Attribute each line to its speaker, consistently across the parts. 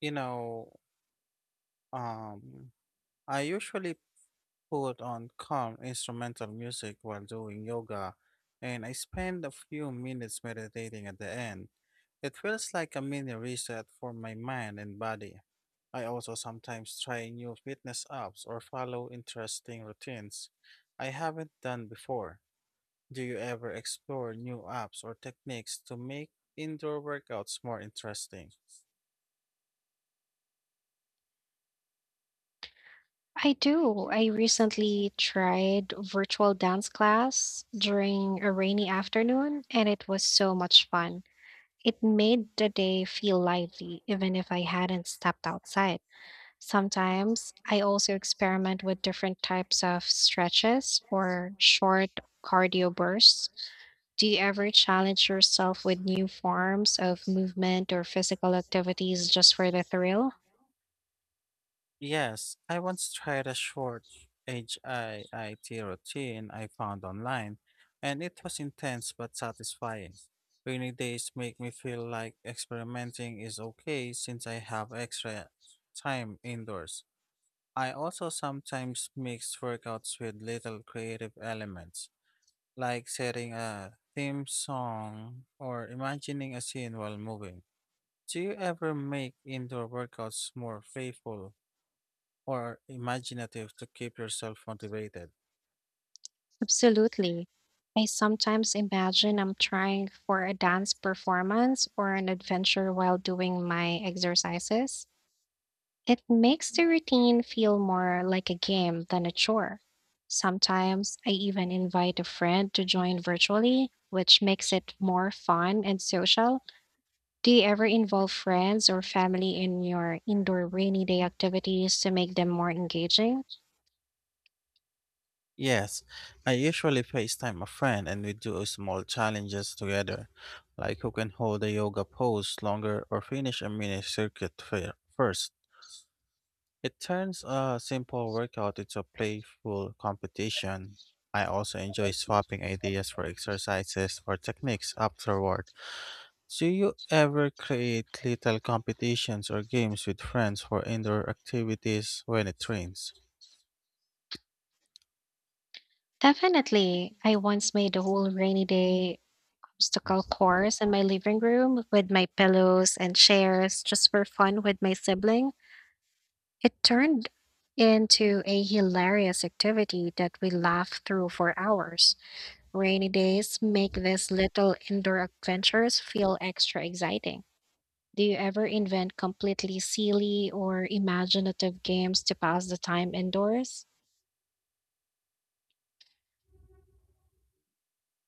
Speaker 1: You know, um, I usually put on calm instrumental music while doing yoga, and I spend a few minutes meditating at the end. It feels like a mini reset for my mind and body. I also sometimes try new fitness apps or follow interesting routines I haven't done before. Do you ever explore new apps or techniques to make indoor workouts more interesting?
Speaker 2: I do. I recently tried virtual dance class during a rainy afternoon, and it was so much fun. It made the day feel lively, even if I hadn't stepped outside. Sometimes I also experiment with different types of stretches or short cardio bursts. Do you ever challenge yourself with new forms of movement or physical activities just for the thrill?
Speaker 1: Yes, I once tried a short HIIT routine I found online, and it was intense but satisfying. Rainy days make me feel like experimenting is okay since I have extra time indoors. I also sometimes mix workouts with little creative elements, like setting a theme song or imagining a scene while moving. Do you ever make indoor workouts more playful or imaginative to keep yourself motivated?
Speaker 2: Absolutely. I sometimes imagine I'm trying for a dance performance or an adventure while doing my exercises. It makes the routine feel more like a game than a chore. Sometimes I even invite a friend to join virtually, which makes it more fun and social. Do you ever involve friends or family in your indoor rainy day activities to make them more engaging?
Speaker 1: Yes, I usually FaceTime a friend and we do small challenges together, like who can hold a yoga pose longer or finish a mini circuit first. It turns a simple workout into a playful competition. I also enjoy swapping ideas for exercises or techniques afterward. Do you ever create little competitions or games with friends for indoor activities when it rains?
Speaker 2: Definitely. I once made a whole rainy day obstacle course in my living room with my pillows and chairs just for fun with my sibling. It turned into a hilarious activity that we laughed through for hours. Rainy days make these little indoor adventures feel extra exciting. Do you ever invent completely silly or imaginative games to pass the time indoors?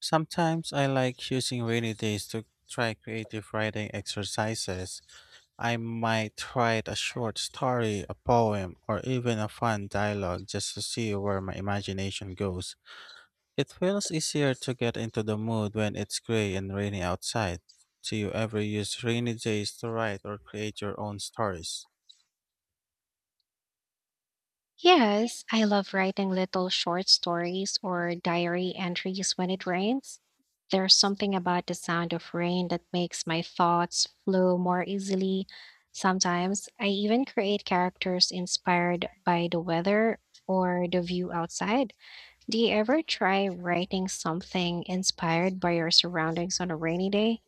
Speaker 1: Sometimes I like using rainy days to try creative writing exercises. I might write a short story, a poem, or even a fun dialogue just to see where my imagination goes. It feels easier to get into the mood when it's gray and rainy outside. Do you ever use rainy days to write or create your own stories?
Speaker 2: Yes, I love writing little short stories or diary entries when it rains. There's something about the sound of rain that makes my thoughts flow more easily. Sometimes I even create characters inspired by the weather or the view outside. Do you ever try writing something inspired by your surroundings on a rainy day?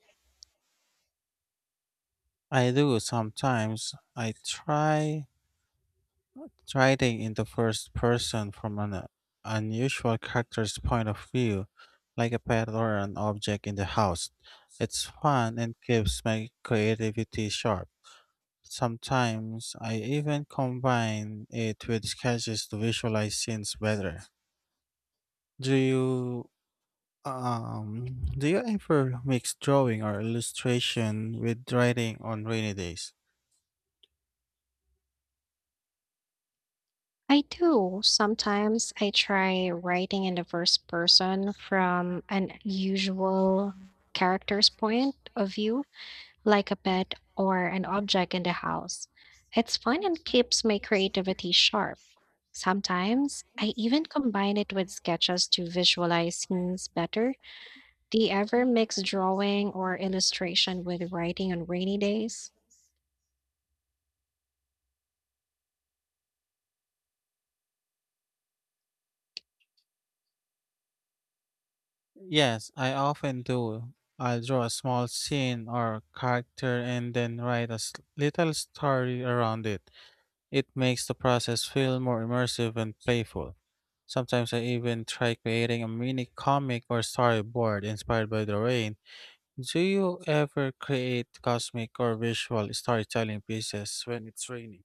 Speaker 1: I do sometimes. I try writing in the first person from an unusual character's point of view, like a pet or an object in the house. It's fun and keeps my creativity sharp. Sometimes I even combine it with sketches to visualize scenes better. Do you um do you ever mix drawing or illustration with writing on rainy days?
Speaker 2: I do. Sometimes I try writing in the first person from an usual character's point of view, like a pet or an object in the house. It's fun and keeps my creativity sharp. Sometimes I even combine it with sketches to visualize scenes better. Do you ever mix drawing or illustration with writing on rainy days?
Speaker 1: Yes, I often do. I'll draw a small scene or character and then write a little story around it. It makes the process feel more immersive and playful. Sometimes I even try creating a mini comic or storyboard inspired by the rain. Do you ever create cosmic or visual storytelling pieces when it's raining?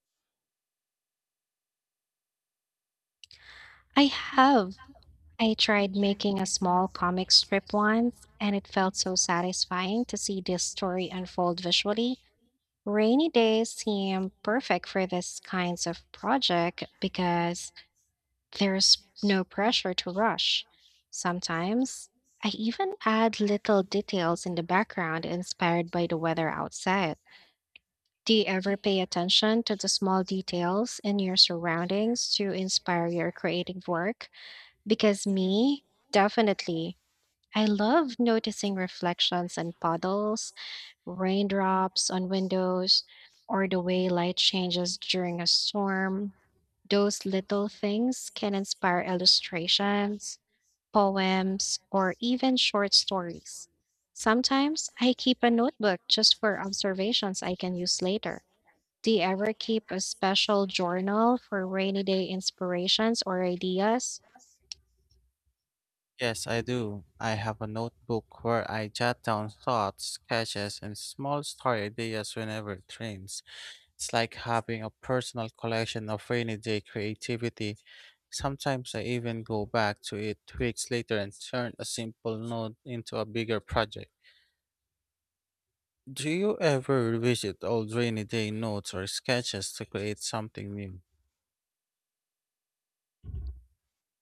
Speaker 2: I have. I tried making a small comic strip once, and it felt so satisfying to see this story unfold visually. Rainy days seem perfect for this kinds of project because there's no pressure to rush. Sometimes I even add little details in the background inspired by the weather outside. Do you ever pay attention to the small details in your surroundings to inspire your creative work? Because me, definitely. I love noticing reflections in puddles, raindrops on windows, or the way light changes during a storm. Those little things can inspire illustrations, poems, or even short stories. Sometimes I keep a notebook just for observations I can use later. Do you ever keep a special journal for rainy day inspirations or ideas?
Speaker 1: Yes, I do. I have a notebook where I jot down thoughts, sketches, and small story ideas whenever it rains. It's like having a personal collection of rainy day creativity. Sometimes I even go back to it weeks later and turn a simple note into a bigger project. Do you ever revisit old rainy day notes or sketches to create something new?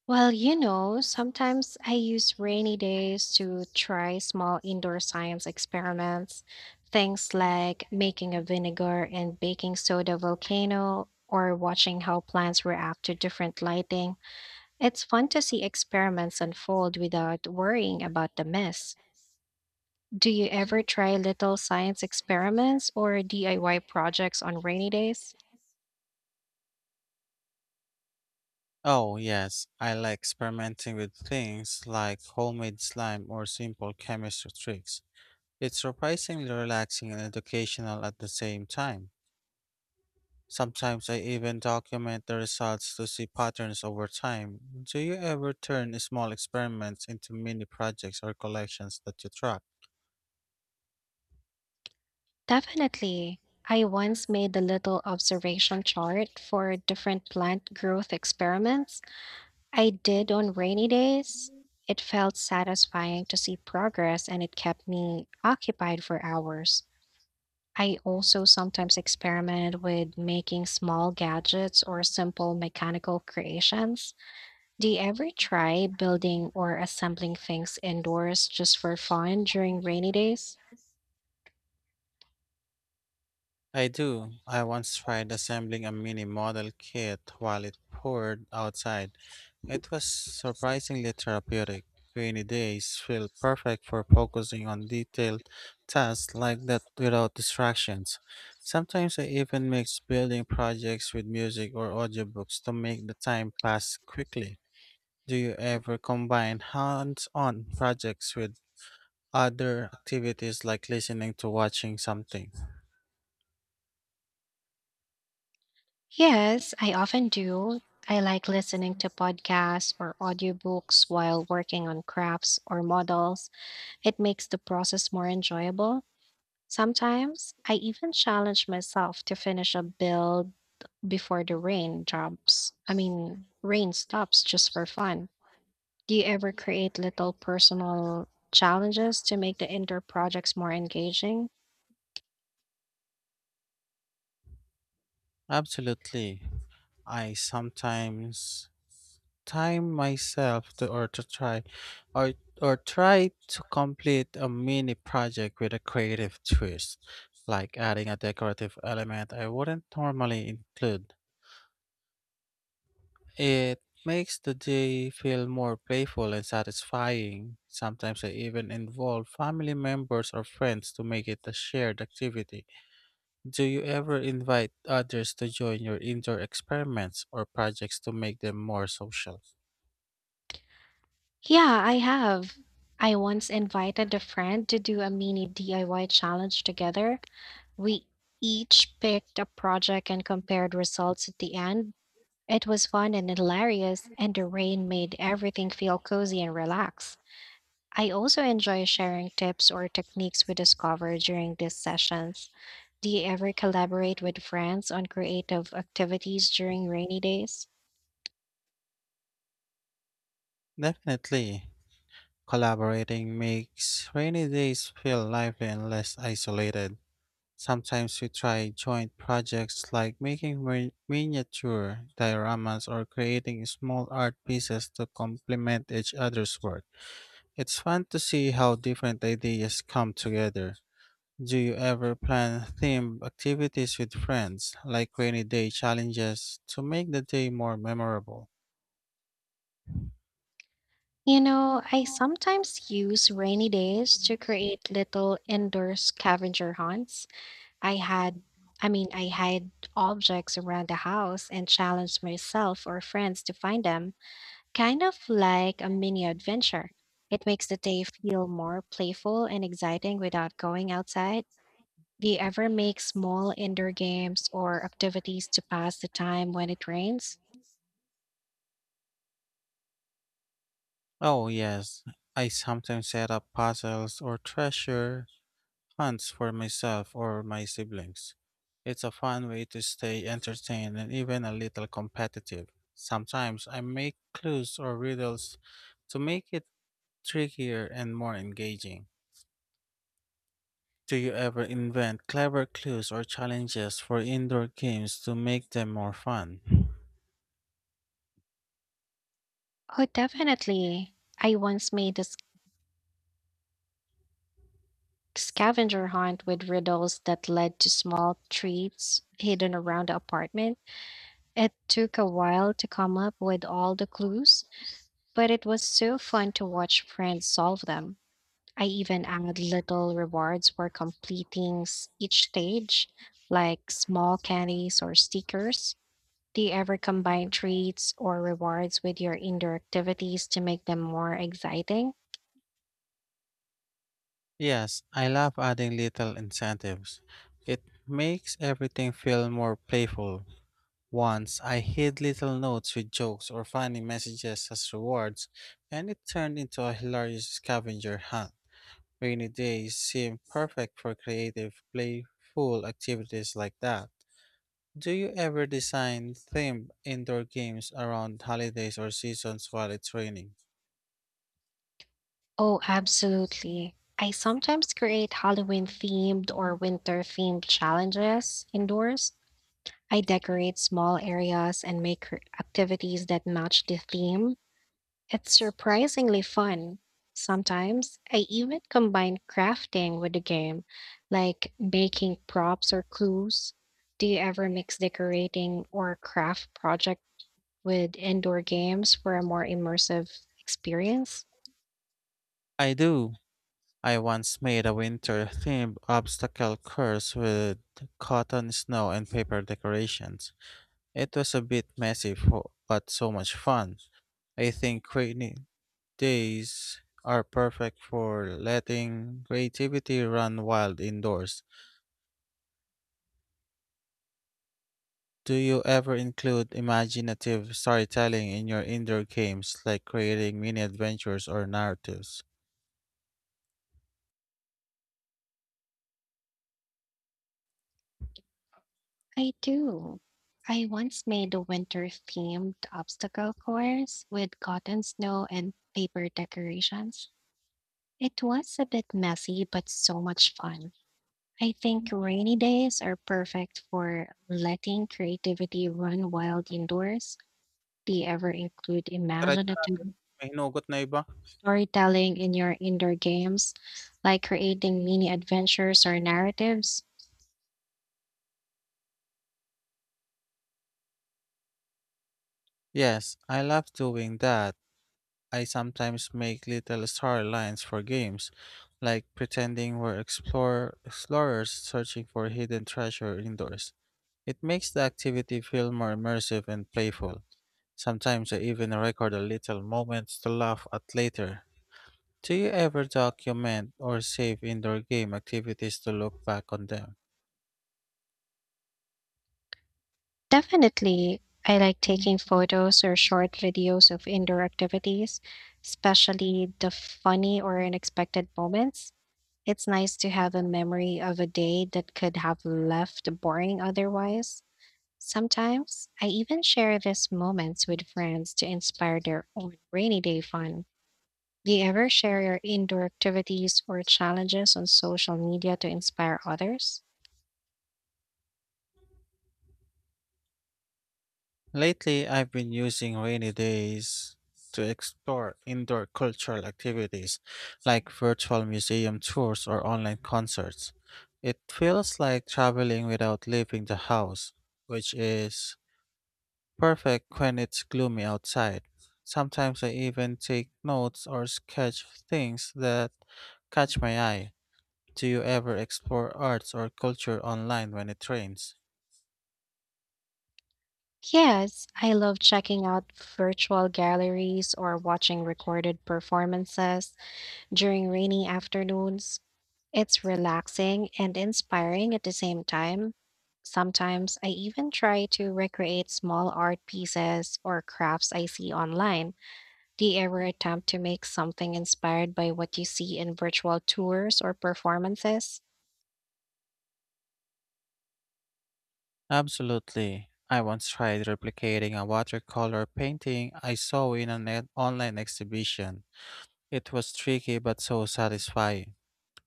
Speaker 2: Well, you know, sometimes I use rainy days to try small indoor science experiments, things like making a vinegar and baking soda volcano or watching how plants react to different lighting. It's fun to see experiments unfold without worrying about the mess. Do you ever try little science experiments or DIY projects on rainy days?
Speaker 1: Oh, yes, I like experimenting with things like homemade slime or simple chemistry tricks. It's surprisingly relaxing and educational at the same time. Sometimes I even document the results to see patterns over time. Do you ever turn small experiments into mini projects or collections that you track?
Speaker 2: Definitely. I once made a little observation chart for different plant growth experiments I did on rainy days. It felt satisfying to see progress and it kept me occupied for hours. I also sometimes experiment with making small gadgets or simple mechanical creations. Do you ever try building or assembling things indoors just for fun during rainy days?
Speaker 1: I do. I once tried assembling a mini model kit while it poured outside. It was surprisingly therapeutic. Rainy days feel perfect for focusing on detailed tasks like that without distractions. Sometimes I even mix building projects with music or audiobooks to make the time pass quickly. Do you ever combine hands on projects with other activities like listening to watching something?
Speaker 2: Yes, I often do. I like listening to podcasts or audiobooks while working on crafts or models. It makes the process more enjoyable. Sometimes I even challenge myself to finish a build before the rain drops. I mean, rain stops just for fun. Do you ever create little personal challenges to make the indoor projects more engaging?
Speaker 1: Absolutely. I sometimes time myself to or to try or or try to complete a mini project with a creative twist, like adding a decorative element I wouldn't normally include. It makes the day feel more playful and satisfying. Sometimes I even involve family members or friends to make it a shared activity. Do you ever invite others to join your indoor experiments or projects to make them more social?
Speaker 2: Yeah, I have. I once invited a friend to do a mini DIY challenge together. We each picked a project and compared results at the end. It was fun and hilarious, and the rain made everything feel cozy and relaxed. I also enjoy sharing tips or techniques we discover during these sessions. Do you ever collaborate with friends on creative activities during rainy days?
Speaker 1: Definitely. Collaborating makes rainy days feel lively and less isolated. Sometimes we try joint projects like making miniature dioramas or creating small art pieces to complement each other's work. It's fun to see how different ideas come together. Do you ever plan themed activities with friends, like rainy day challenges, to make the day more memorable?
Speaker 2: You know, I sometimes use rainy days to create little indoor scavenger hunts. I had, I mean, I hide objects around the house and challenge myself or friends to find them, kind of like a mini adventure. It makes the day feel more playful and exciting without going outside. Do you ever make small indoor games or activities to pass the time when it rains?
Speaker 1: Oh, yes. I sometimes set up puzzles or treasure hunts for myself or my siblings. It's a fun way to stay entertained and even a little competitive. Sometimes I make clues or riddles to make it trickier and more engaging. Do you ever invent clever clues or challenges for indoor games to make them more fun?
Speaker 2: Oh, definitely. I once made a scavenger hunt with riddles that led to small treats hidden around the apartment. It took a while to come up with all the clues, but it was so fun to watch friends solve them. I even added little rewards for completing each stage, like small candies or stickers. Do you ever combine treats or rewards with your indoor activities to make them more exciting?
Speaker 1: Yes, I love adding little incentives. It makes everything feel more playful. Once I hid little notes with jokes or funny messages as rewards, and it turned into a hilarious scavenger hunt. Rainy days seem perfect for creative, playful activities like that. Do you ever design themed indoor games around holidays or seasons while it's raining?
Speaker 2: Oh, absolutely. I sometimes create Halloween themed or winter themed challenges indoors. I decorate small areas and make activities that match the theme. It's surprisingly fun. Sometimes I even combine crafting with the game, like making props or clues. Do you ever mix decorating or craft project with indoor games for a more immersive experience?
Speaker 1: I do. I once made a winter themed obstacle course with cotton, snow, and paper decorations. It was a bit messy, but so much fun. I think rainy days are perfect for letting creativity run wild indoors. Do you ever include imaginative storytelling in your indoor games, like creating mini adventures or narratives?
Speaker 2: I do. I once made a winter themed obstacle course with cotton snow and paper decorations. It was a bit messy, but so much fun. I think rainy days are perfect for letting creativity run wild indoors. Do you ever include
Speaker 1: Diretso
Speaker 2: imaginative
Speaker 1: natin. May hinugot na iba.
Speaker 2: storytelling in your indoor games, like creating mini adventures or narratives?
Speaker 1: Yes, I love doing that. I sometimes make little storylines for games, like pretending explorers searching for hidden treasure indoors. It makes the activity feel more immersive and playful. Sometimes I even record a little moment to laugh at later. Do you ever document or save indoor game activities to look back on them?
Speaker 2: Definitely, I like taking photos or short videos of indoor activities, especially the funny or unexpected moments. It's nice to have a memory of a day that could have left boring otherwise. Sometimes I even share these moments with friends to inspire their own rainy day fun. Do you ever share your indoor activities or challenges on social media to inspire others?
Speaker 1: Lately, I've been using rainy days to explore indoor cultural activities like virtual museum tours or online concerts. It feels like traveling without leaving the house, which is perfect when it's gloomy outside. Sometimes I even take notes or sketch things that catch my eye. Do you ever explore arts or culture online when it rains?
Speaker 2: Yes, I love checking out virtual galleries or watching recorded performances during rainy afternoons. It's relaxing and inspiring at the same time. Sometimes I even try to recreate small art pieces or crafts I see online. Do you ever attempt to make something inspired by what you see in virtual tours or performances?
Speaker 1: Absolutely. I once tried replicating a watercolor painting I saw in an online exhibition. It was tricky but so satisfying.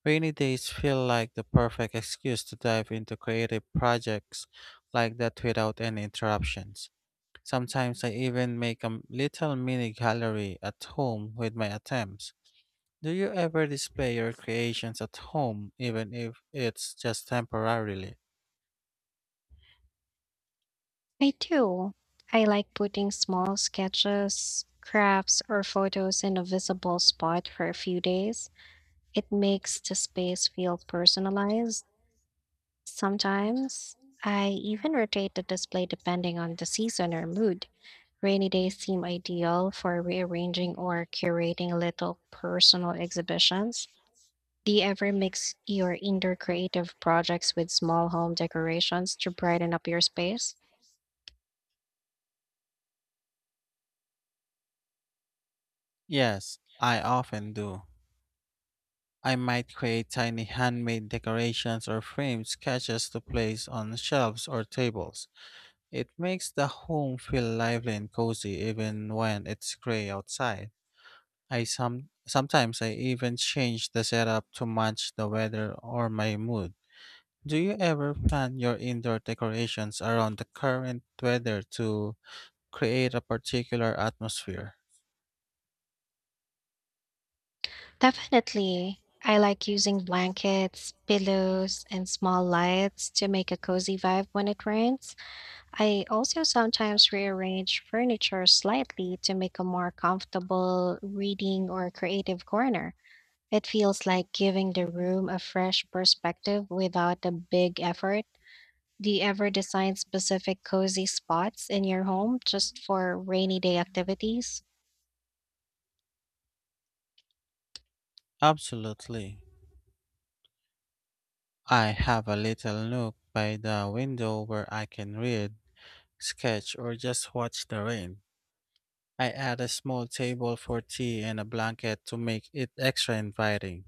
Speaker 1: Rainy days feel like the perfect excuse to dive into creative projects like that without any interruptions. Sometimes I even make a little mini gallery at home with my attempts. Do you ever display your creations at home, even if it's just temporarily?
Speaker 2: I do. I like putting small sketches, crafts, or photos in a visible spot for a few days. It makes the space feel personalized. Sometimes I even rotate the display depending on the season or mood. Rainy days seem ideal for rearranging or curating little personal exhibitions. Do you ever mix your indoor creative projects with small home decorations to brighten up your space?
Speaker 1: Yes, I often do. I might create tiny handmade decorations or frame sketches to place on shelves or tables. It makes the home feel lively and cozy even when it's gray outside. I some sometimes I even change the setup to match the weather or my mood. Do you ever plan your indoor decorations around the current weather to create a particular atmosphere?
Speaker 2: Definitely. I like using blankets, pillows, and small lights to make a cozy vibe when it rains. I also sometimes rearrange furniture slightly to make a more comfortable reading or creative corner. It feels like giving the room a fresh perspective without a big effort. Do you ever design specific cozy spots in your home just for rainy day activities?
Speaker 1: Absolutely. I have a little nook by the window where I can read, sketch, or just watch the rain. I add a small table for tea and a blanket to make it extra inviting.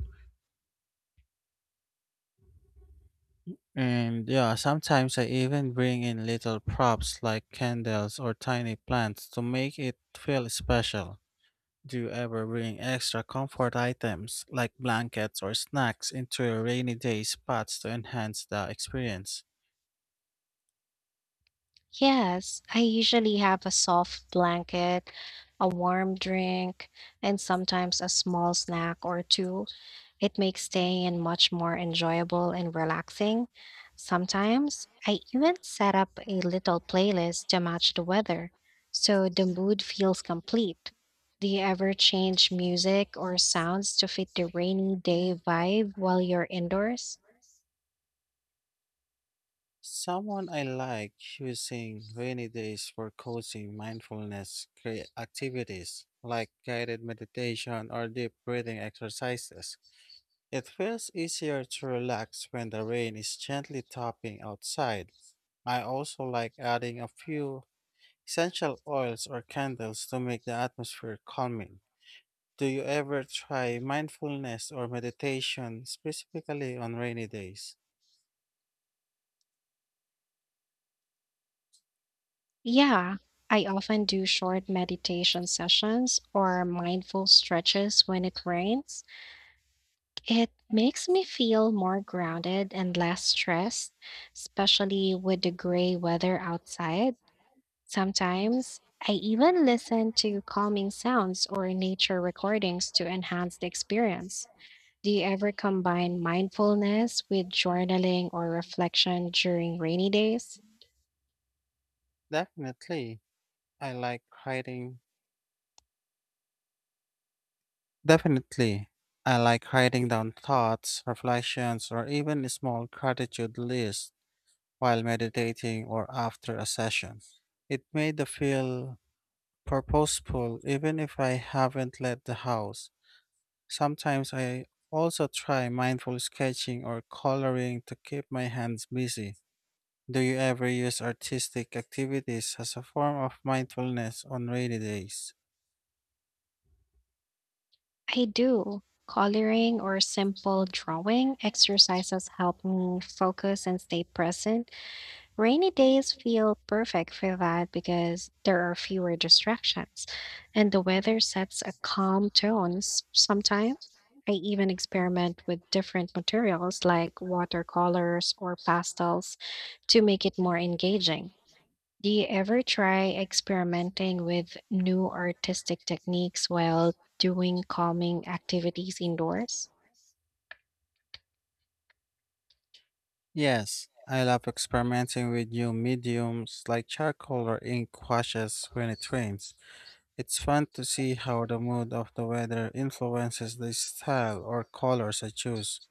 Speaker 1: And yeah, sometimes I even bring in little props like candles or tiny plants to make it feel special. Do you ever bring extra comfort items like blankets or snacks into your rainy day spots to enhance the experience?
Speaker 2: Yes, I usually have a soft blanket, a warm drink, and sometimes a small snack or two. It makes staying in much more enjoyable and relaxing. Sometimes I even set up a little playlist to match the weather, so the mood feels complete. Do you ever change music or sounds to fit the rainy day vibe while you're indoors?
Speaker 1: Someone I like using rainy days for cozy mindfulness activities like guided meditation or deep breathing exercises. It feels easier to relax when the rain is gently tapping outside. I also like adding a few essential oils or candles to make the atmosphere calming. Do you ever try mindfulness or meditation specifically on rainy days?
Speaker 2: Yeah, I often do short meditation sessions or mindful stretches when it rains. It makes me feel more grounded and less stressed, especially with the gray weather outside. Sometimes I even listen to calming sounds or nature recordings to enhance the experience. Do you ever combine mindfulness with journaling or reflection during rainy days?
Speaker 1: Definitely. I like writing Definitely. I like writing down thoughts, reflections, or even a small gratitude list while meditating or after a session. It made me feel purposeful even if I haven't left the house. Sometimes I also try mindful sketching or coloring to keep my hands busy. Do you ever use artistic activities as a form of mindfulness on rainy days?
Speaker 2: I do. Coloring or simple drawing exercises help me focus and stay present. Rainy days feel perfect for that because there are fewer distractions and the weather sets a calm tone sometimes. I even experiment with different materials like watercolors or pastels to make it more engaging. Do you ever try experimenting with new artistic techniques while doing calming activities indoors?
Speaker 1: Yes, I love experimenting with new mediums like charcoal or ink washes when it rains. It's fun to see how the mood of the weather influences the style or colors I choose.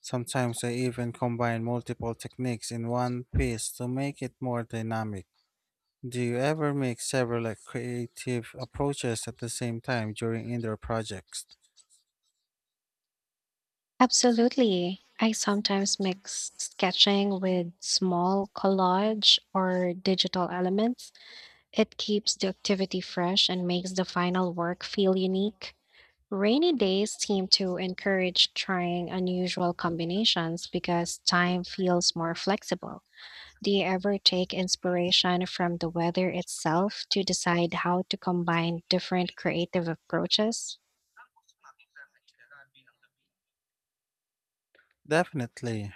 Speaker 1: Sometimes I even combine multiple techniques in one piece to make it more dynamic. Do you ever make several like, creative approaches at the same time during indoor projects?
Speaker 2: Absolutely. I sometimes mix sketching with small collage or digital elements. It keeps the activity fresh and makes the final work feel unique. Rainy days seem to encourage trying unusual combinations because time feels more flexible. Do you ever take inspiration from the weather itself to decide how to combine different creative approaches?
Speaker 1: Definitely.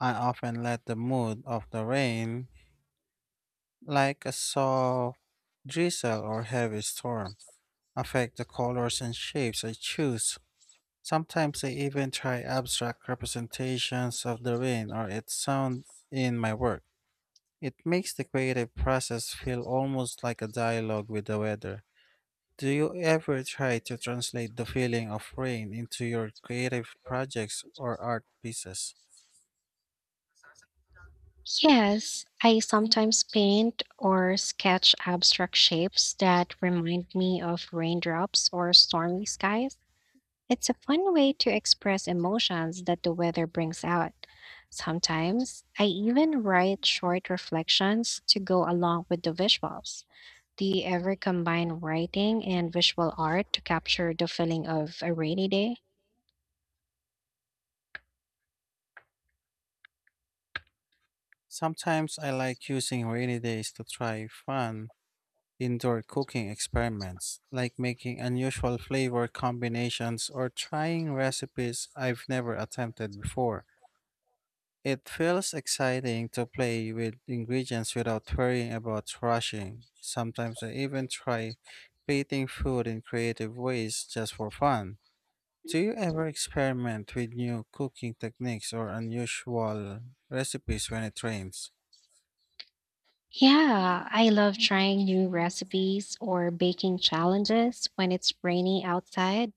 Speaker 1: I often let the mood of the rain, like a soft drizzle or heavy storm, affect the colors and shapes I choose. Sometimes I even try abstract representations of the rain or its sound in my work. It makes the creative process feel almost like a dialogue with the weather. Do you ever try to translate the feeling of rain into your creative projects or art pieces?
Speaker 2: Yes, I sometimes paint or sketch abstract shapes that remind me of raindrops or stormy skies. It's a fun way to express emotions that the weather brings out. Sometimes I even write short reflections to go along with the visuals. Do you ever combine writing and visual art to capture the feeling of a rainy day?
Speaker 1: Sometimes I like using rainy days to try fun indoor cooking experiments, like making unusual flavor combinations or trying recipes I've never attempted before. It feels exciting to play with ingredients without worrying about rushing. Sometimes I even try plating food in creative ways just for fun. Do you ever experiment with new cooking techniques or unusual recipes when it rains?
Speaker 2: Yeah, I love trying new recipes or baking challenges when it's rainy outside.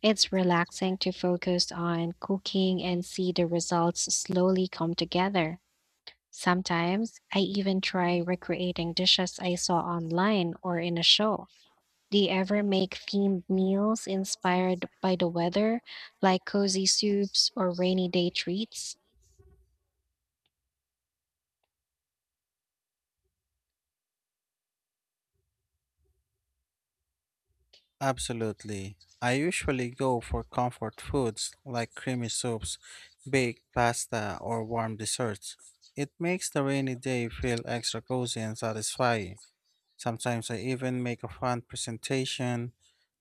Speaker 2: It's relaxing to focus on cooking and see the results slowly come together. Sometimes I even try recreating dishes I saw online or in a show. Do you ever make themed meals inspired by the weather, like cozy soups or rainy day treats?
Speaker 1: Absolutely. I usually go for comfort foods like creamy soups, baked pasta, or warm desserts. It makes the rainy day feel extra cozy and satisfying. Sometimes I even make a fun presentation,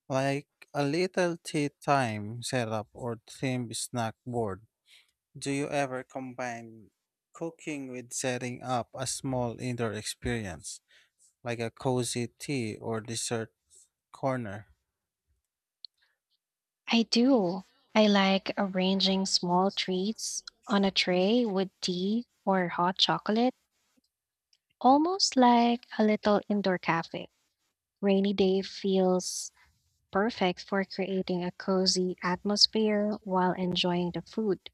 Speaker 1: like a little tea time setup or themed snack board. Do you ever combine cooking with setting up a small indoor experience, like a cozy tea or dessert corner?
Speaker 2: I do. I like arranging small treats on a tray with tea or hot chocolate, almost like a little indoor cafe. Rainy day feels perfect for creating a cozy atmosphere while enjoying the food.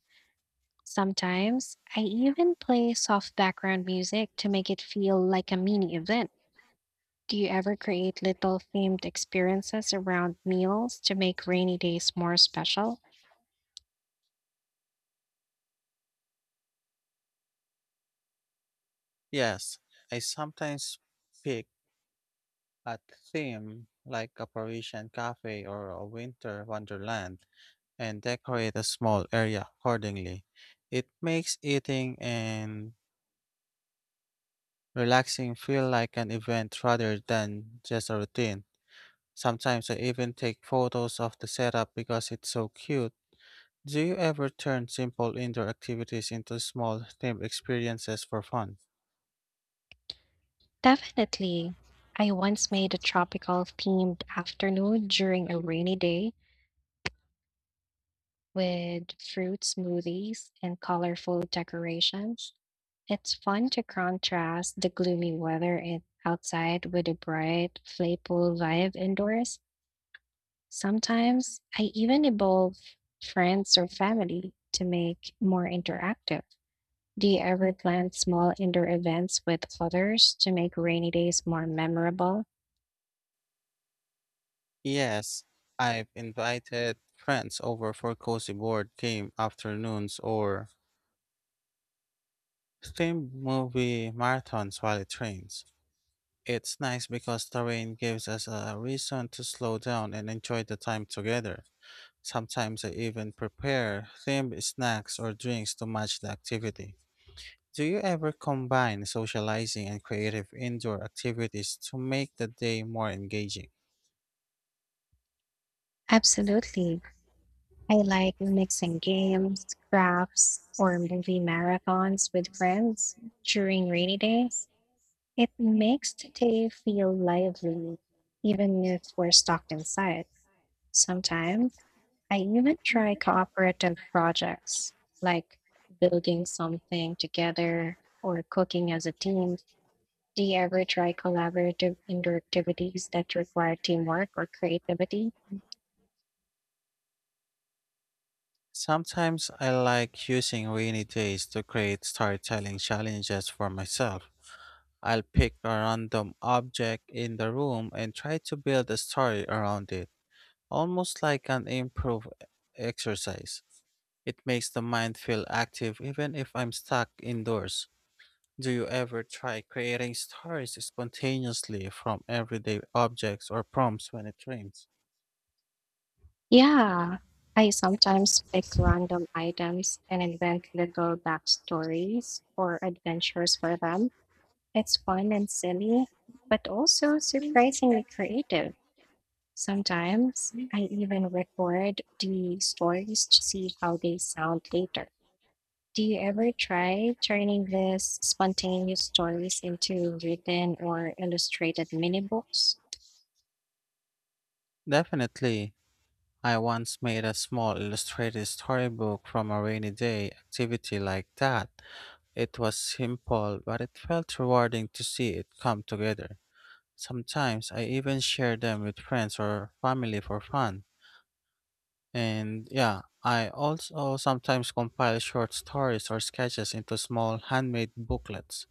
Speaker 2: Sometimes I even play soft background music to make it feel like a mini event. Do you ever create little themed experiences around meals to make rainy days more special?
Speaker 1: Yes, I sometimes pick a theme like a Parisian cafe or a winter wonderland and decorate a small area accordingly. It makes eating and relaxing feel like an event rather than just a routine. Sometimes I even take photos of the setup because it's so cute. Do you ever turn simple indoor activities into small themed experiences for fun?
Speaker 2: Definitely. I once made a tropical themed afternoon during a rainy day with fruit smoothies and colorful decorations. It's fun to contrast the gloomy weather outside with a bright, playful vibe indoors. Sometimes I even involve friends or family to make more interactive. Do you ever plan small indoor events with others to make rainy days more memorable?
Speaker 1: Yes, I've invited friends over for cozy board game afternoons or themed movie marathons while it rains. It's nice because the rain gives us a reason to slow down and enjoy the time together. Sometimes I even prepare themed snacks or drinks to match the activity. Do you ever combine socializing and creative indoor activities to make the day more engaging?
Speaker 2: Absolutely. I like mixing games, crafts, or movie marathons with friends during rainy days. It makes the day feel lively, even if we're stuck inside. Sometimes I even try cooperative projects like building something together or cooking as a team. Do you ever try collaborative indoor activities that require teamwork or creativity?
Speaker 1: Sometimes I like using rainy days to create storytelling challenges for myself. I'll pick a random object in the room and try to build a story around it, almost like an improv exercise. It makes the mind feel active even if I'm stuck indoors. Do you ever try creating stories spontaneously from everyday objects or prompts when it rains?
Speaker 2: Yeah, I sometimes pick random items and invent little backstories or adventures for them. It's fun and silly, but also surprisingly creative. Sometimes I even record the stories to see how they sound later. Do you ever try turning these spontaneous stories into written or illustrated mini books?
Speaker 1: Definitely. I once made a small illustrated storybook from a rainy day activity like that. It was simple, but it felt rewarding to see it come together. Sometimes I even share them with friends or family for fun. And yeah, I also sometimes compile short stories or sketches into small handmade booklets.